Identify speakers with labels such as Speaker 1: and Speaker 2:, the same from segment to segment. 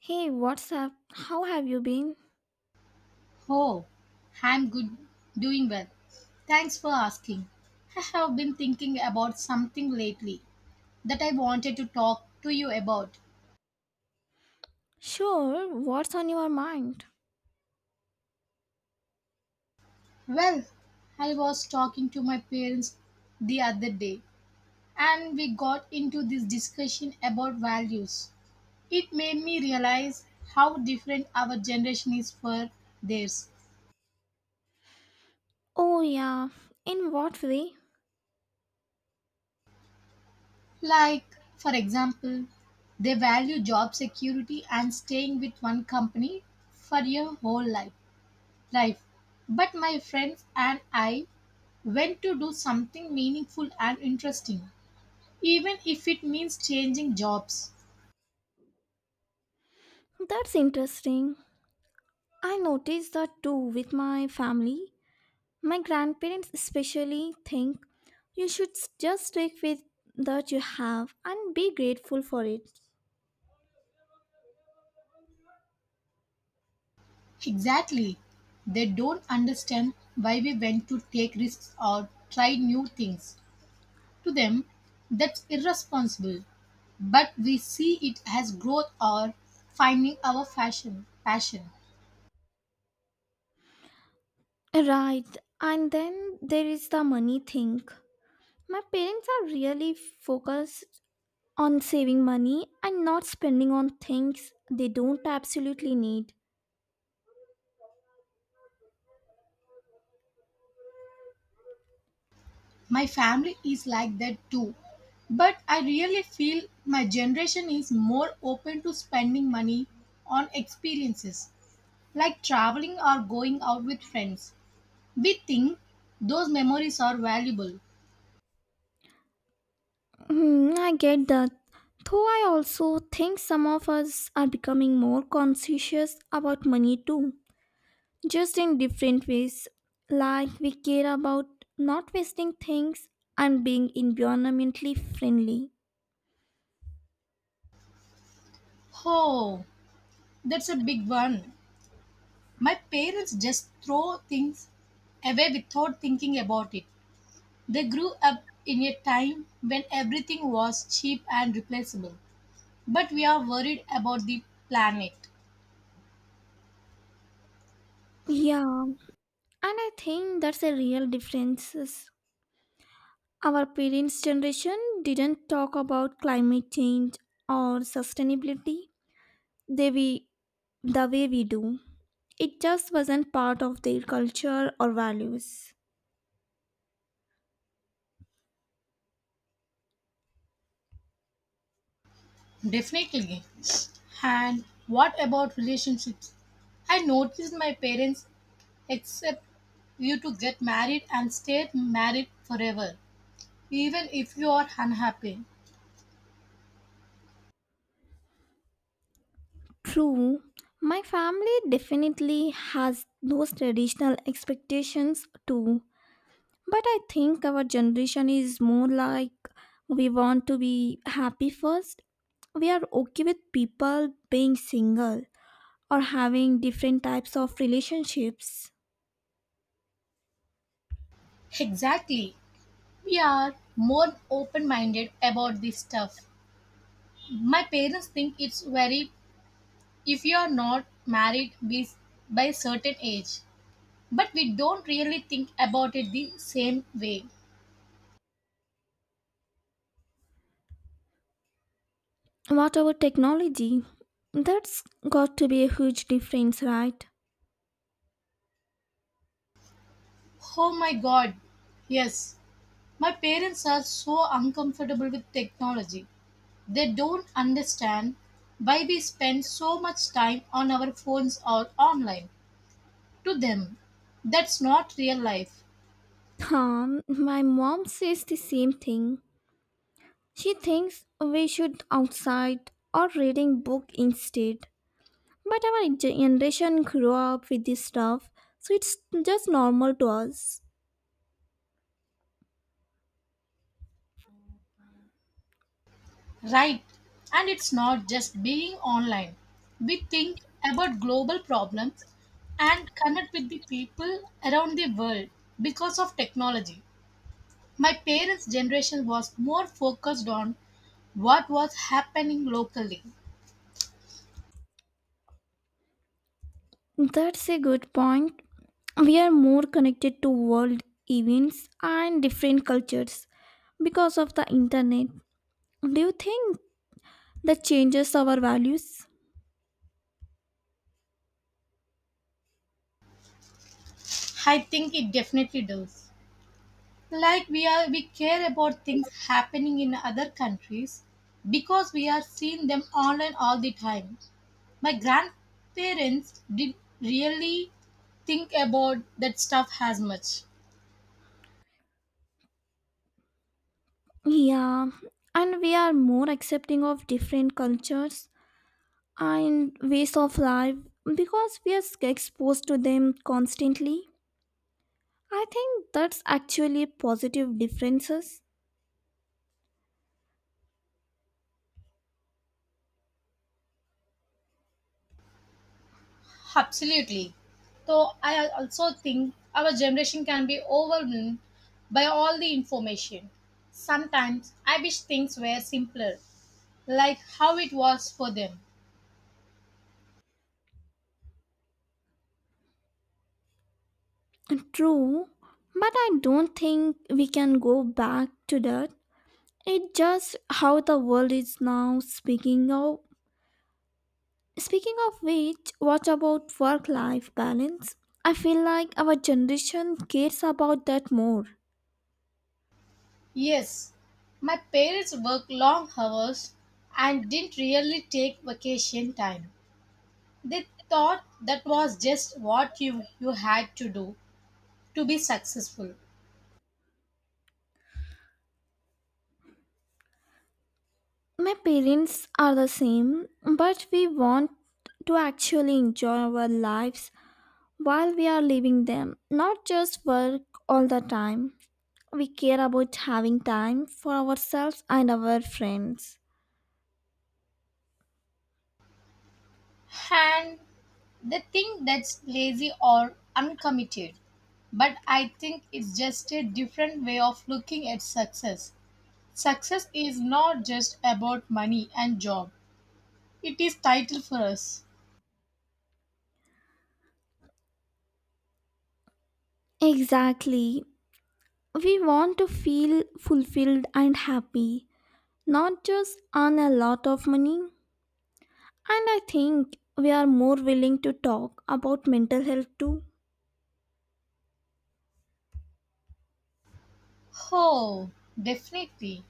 Speaker 1: Hey, what's up? How have you been?
Speaker 2: Oh, I'm good, doing well. Thanks for asking. I have been thinking about something lately that I wanted to talk to you about.
Speaker 1: Sure, what's on your mind?
Speaker 2: Well, I was talking to my parents the other day and we got into this discussion about values. It made me realize how different our generation is for theirs.
Speaker 1: Oh, yeah, in what way?
Speaker 2: Like, for example, they value job security and staying with one company for your whole life. But my friends and I went to do something meaningful and interesting, even if it means changing jobs.
Speaker 1: That's interesting. I noticed that too with my family. My grandparents especially think you should just stick with that you have and be grateful for it.
Speaker 2: Exactly. They don't understand why we went to take risks or try new things. To them, that's irresponsible. But we see it as growth or finding our passion.
Speaker 1: Right, and then there is the money thing. My parents are really focused on saving money and not spending on things they don't absolutely need.
Speaker 2: My family is like that too. But I really feel my generation is more open to spending money on experiences like traveling or going out with friends. We think those memories are valuable.
Speaker 1: Hmm, I get that. Though I also think some of us are becoming more conscious about money too, just in different ways. Like we care about not wasting things and being environmentally friendly.
Speaker 2: Oh, that's a big one. My parents just throw things away without thinking about it. They grew up in a time when everything was cheap and replaceable. But we are worried about the planet.
Speaker 1: Yeah, and I think that's a real difference. Our parents' generation didn't talk about climate change or sustainability the way, the way we do. It just wasn't part of their culture or values.
Speaker 2: Definitely. And what about relationships? I noticed my parents accept you to get married and stay married forever, even if you are unhappy.
Speaker 1: True, my family definitely has those traditional expectations too, but I think our generation is more like we want to be happy first. We are okay with people being single or having different types of relationships.
Speaker 2: Exactly. We are more open minded about this stuff. My parents think it's very if you are not married by certain age, but we don't really think about it the same way.
Speaker 1: What about technology? That's got to be a huge difference, right?
Speaker 2: Oh my god. Yes, my parents are so uncomfortable with technology. They don't understand why we spend so much time on our phones or online. To them, that's not real life,
Speaker 1: My mom says the same thing. She thinks we should outside or reading book instead. But our generation grew up with this stuff, so it's just normal to us.
Speaker 2: right? And it's not just being online. We think about global problems and connect with the people around the world because of technology. My parents' generation was more focused on what was happening locally.
Speaker 1: That's a good point. We are more connected to world events and different cultures because of the internet. Do you think that changes our values?
Speaker 2: I think it definitely does. Like we care about things happening in other countries because we are seeing them online all the time. My grandparents did really think about that stuff as much.
Speaker 1: Yeah, and we are more accepting of different cultures and ways of life because we are exposed to them constantly. I think that's actually positive differences.
Speaker 2: Absolutely. So I also think our generation can be overwhelmed by all the information. Sometimes I wish things were simpler, like how it was for them.
Speaker 1: True, but I don't think we can go back to that. It's just how the world is now. Speaking of which, what about work-life balance? I feel like our generation cares about that more.
Speaker 2: Yes, my parents worked long hours and didn't really take vacation time. They thought that was just what you had to do to be successful.
Speaker 1: My parents are the same, but we want to actually enjoy our lives while we are living them, not just work all the time. We care about having time for ourselves and our friends.
Speaker 2: And they think that's lazy or uncommitted. But I think it's just a different way of looking at success. Success is not just about money and job, it is title for us.
Speaker 1: Exactly. We want to feel fulfilled and happy, not just earn a lot of money. And I think we are more willing to talk about mental health too.
Speaker 2: Oh, definitely.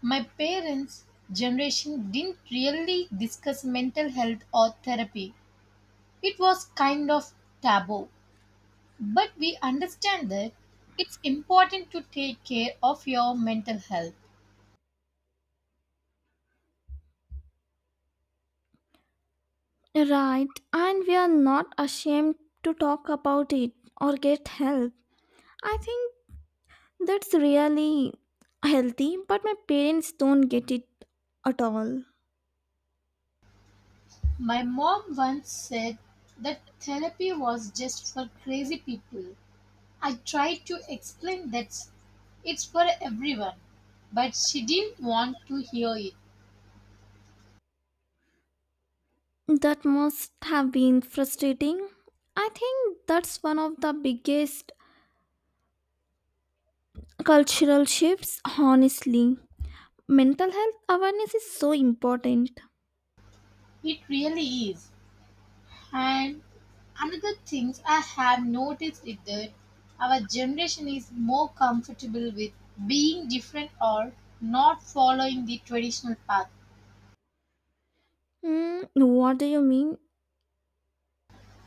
Speaker 2: My parents' generation didn't really discuss mental health or therapy. It was kind of taboo. But we understand that it's important to take care of your mental health.
Speaker 1: Right, and we are not ashamed to talk about it or get help. I think that's really healthy, but my parents don't get it at all.
Speaker 2: My mom once said that therapy was just for crazy people. I tried to explain that it's for everyone, but she didn't want to hear it.
Speaker 1: That must have been frustrating. I think that's one of the biggest cultural shifts, honestly. Mental health awareness is so important.
Speaker 2: It really is. And another thing I have noticed is that our generation is more comfortable with being different or not following the traditional path.
Speaker 1: Hmm, what do you mean?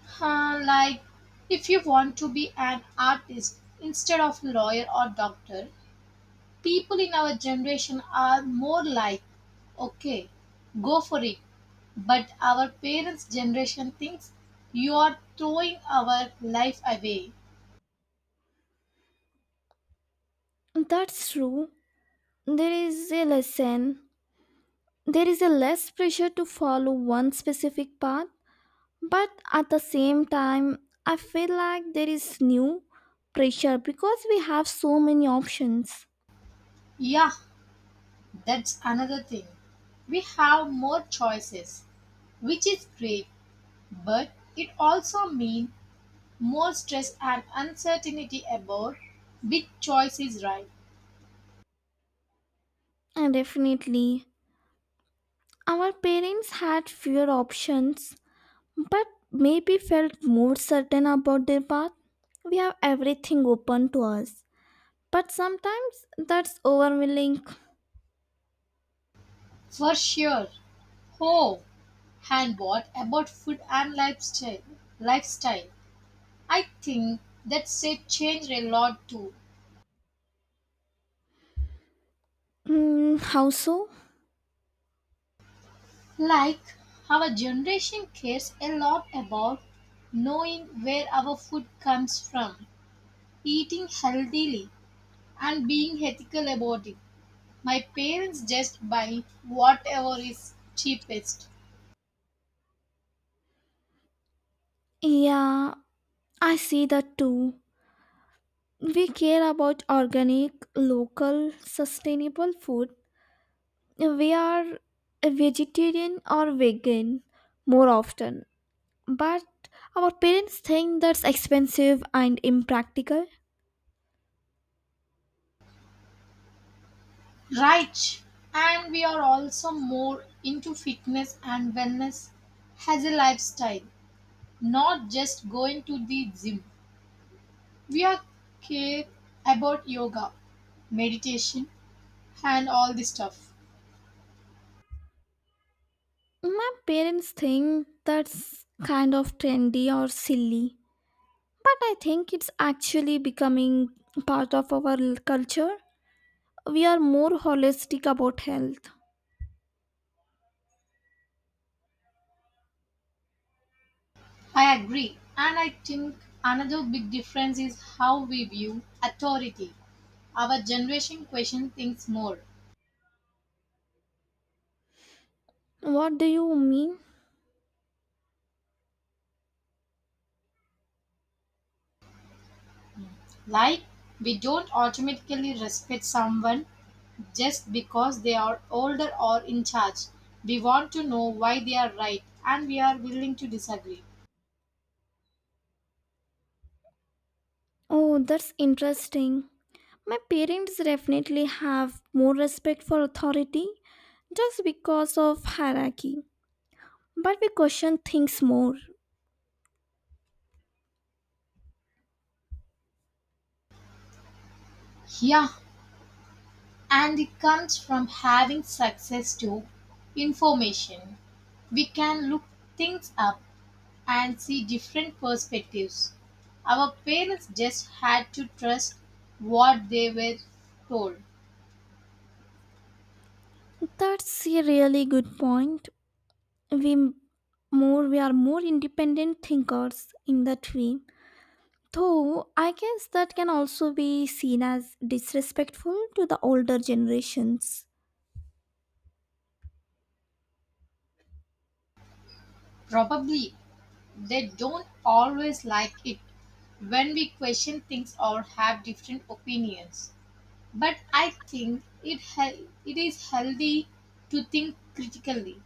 Speaker 2: Huh, like if you want to be an artist instead of a lawyer or doctor, people in our generation are more like, okay, go for it. But our parents' generation thinks you are throwing our life away.
Speaker 1: That's true. There is a lesson. There is a less pressure to follow one specific path, but at the same time, I feel like there is new pressure because we have so many options.
Speaker 2: Yeah, that's another thing. We have more choices, which is great, but it also means more stress and uncertainty about which choice is right.
Speaker 1: And definitely, our parents had fewer options, but maybe felt more certain about their path. We have everything open to us, but sometimes that's overwhelming.
Speaker 2: For sure. Oh, and what about food and lifestyle I think that's a change a lot too.
Speaker 1: Mm, how so?
Speaker 2: Like our generation cares a lot about knowing where our food comes from, eating healthily, and being ethical about it. My parents just buy whatever is cheapest.
Speaker 1: Yeah, I see that too. We care about organic, local, sustainable food. We are a vegetarian or vegan more often, but our parents think that's expensive and impractical.
Speaker 2: Right. And we are also more into fitness and wellness as a lifestyle, not just going to the gym. We are care about yoga, meditation, and all this stuff.
Speaker 1: My parents think that's kind of trendy or silly, but I think it's actually becoming part of our culture. We are more holistic about health.
Speaker 2: I agree. And I think another big difference is how we view authority. Our generation questions things more.
Speaker 1: What do you mean?
Speaker 2: Like, we don't automatically respect someone just because they are older or in charge. We want to know why they are right and we are willing to disagree.
Speaker 1: Oh, that's interesting. My parents definitely have more respect for authority just because of hierarchy, but we question things more.
Speaker 2: Yeah, and it comes from having success to information. We can look things up and see different perspectives. Our parents just had to trust what they were told.
Speaker 1: That's a really good point. We m- we are more independent thinkers in that way. Though I guess that can also be seen as disrespectful to the older generations.
Speaker 2: Probably they don't always like it when we question things or have different opinions. But I think it is healthy to think critically.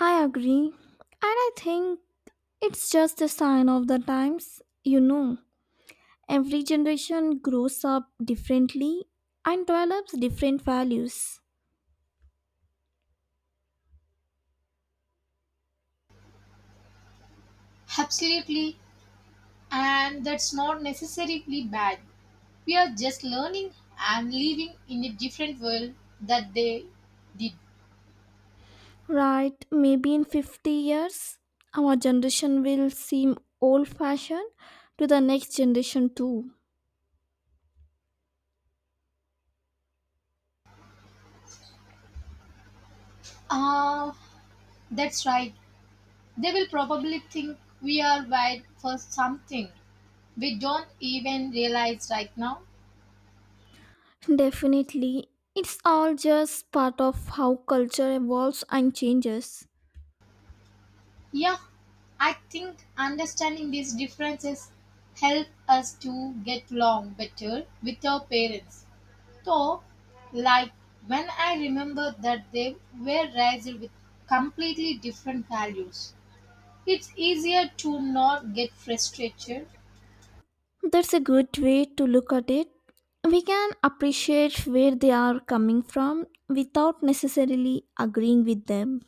Speaker 1: I agree, and I think it's just a sign of the times. Every generation grows up differently and develops different values.
Speaker 2: Absolutely, and that's not necessarily bad. We are just learning and living in a different world that they did.
Speaker 1: Right, maybe in 50 years, our generation will seem old fashioned to the next generation too.
Speaker 2: Ah, that's right. They will probably think we are wired for something we don't even realize right now.
Speaker 1: Definitely, it's all just part of how culture evolves and changes.
Speaker 2: Yeah, I think understanding these differences help us to get along better with our parents. So, like when I remember that they were raised with completely different values, it's easier to not get frustrated.
Speaker 1: That's a good way to look at it. We can appreciate where they are coming from without necessarily agreeing with them.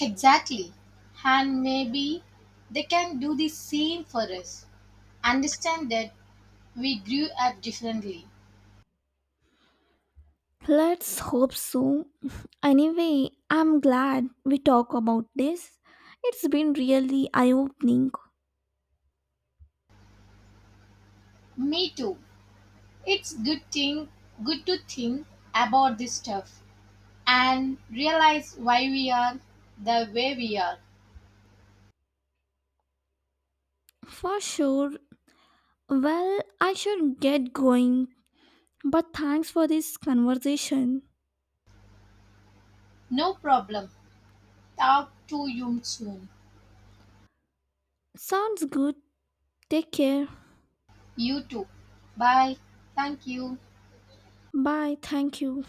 Speaker 2: Exactly, and maybe they can do the same for us. Understand that we grew up differently.
Speaker 1: Let's hope so. Anyway, I'm glad we talk about this. It's been really eye opening.
Speaker 2: Me too. It's good to think about this stuff and realize why we are the way we are.
Speaker 1: For sure. Well, I should get going. But thanks for this conversation.
Speaker 2: No problem. Talk to you soon.
Speaker 1: Sounds good. Take care.
Speaker 2: You too. Bye. Thank you.
Speaker 1: Bye. Thank you.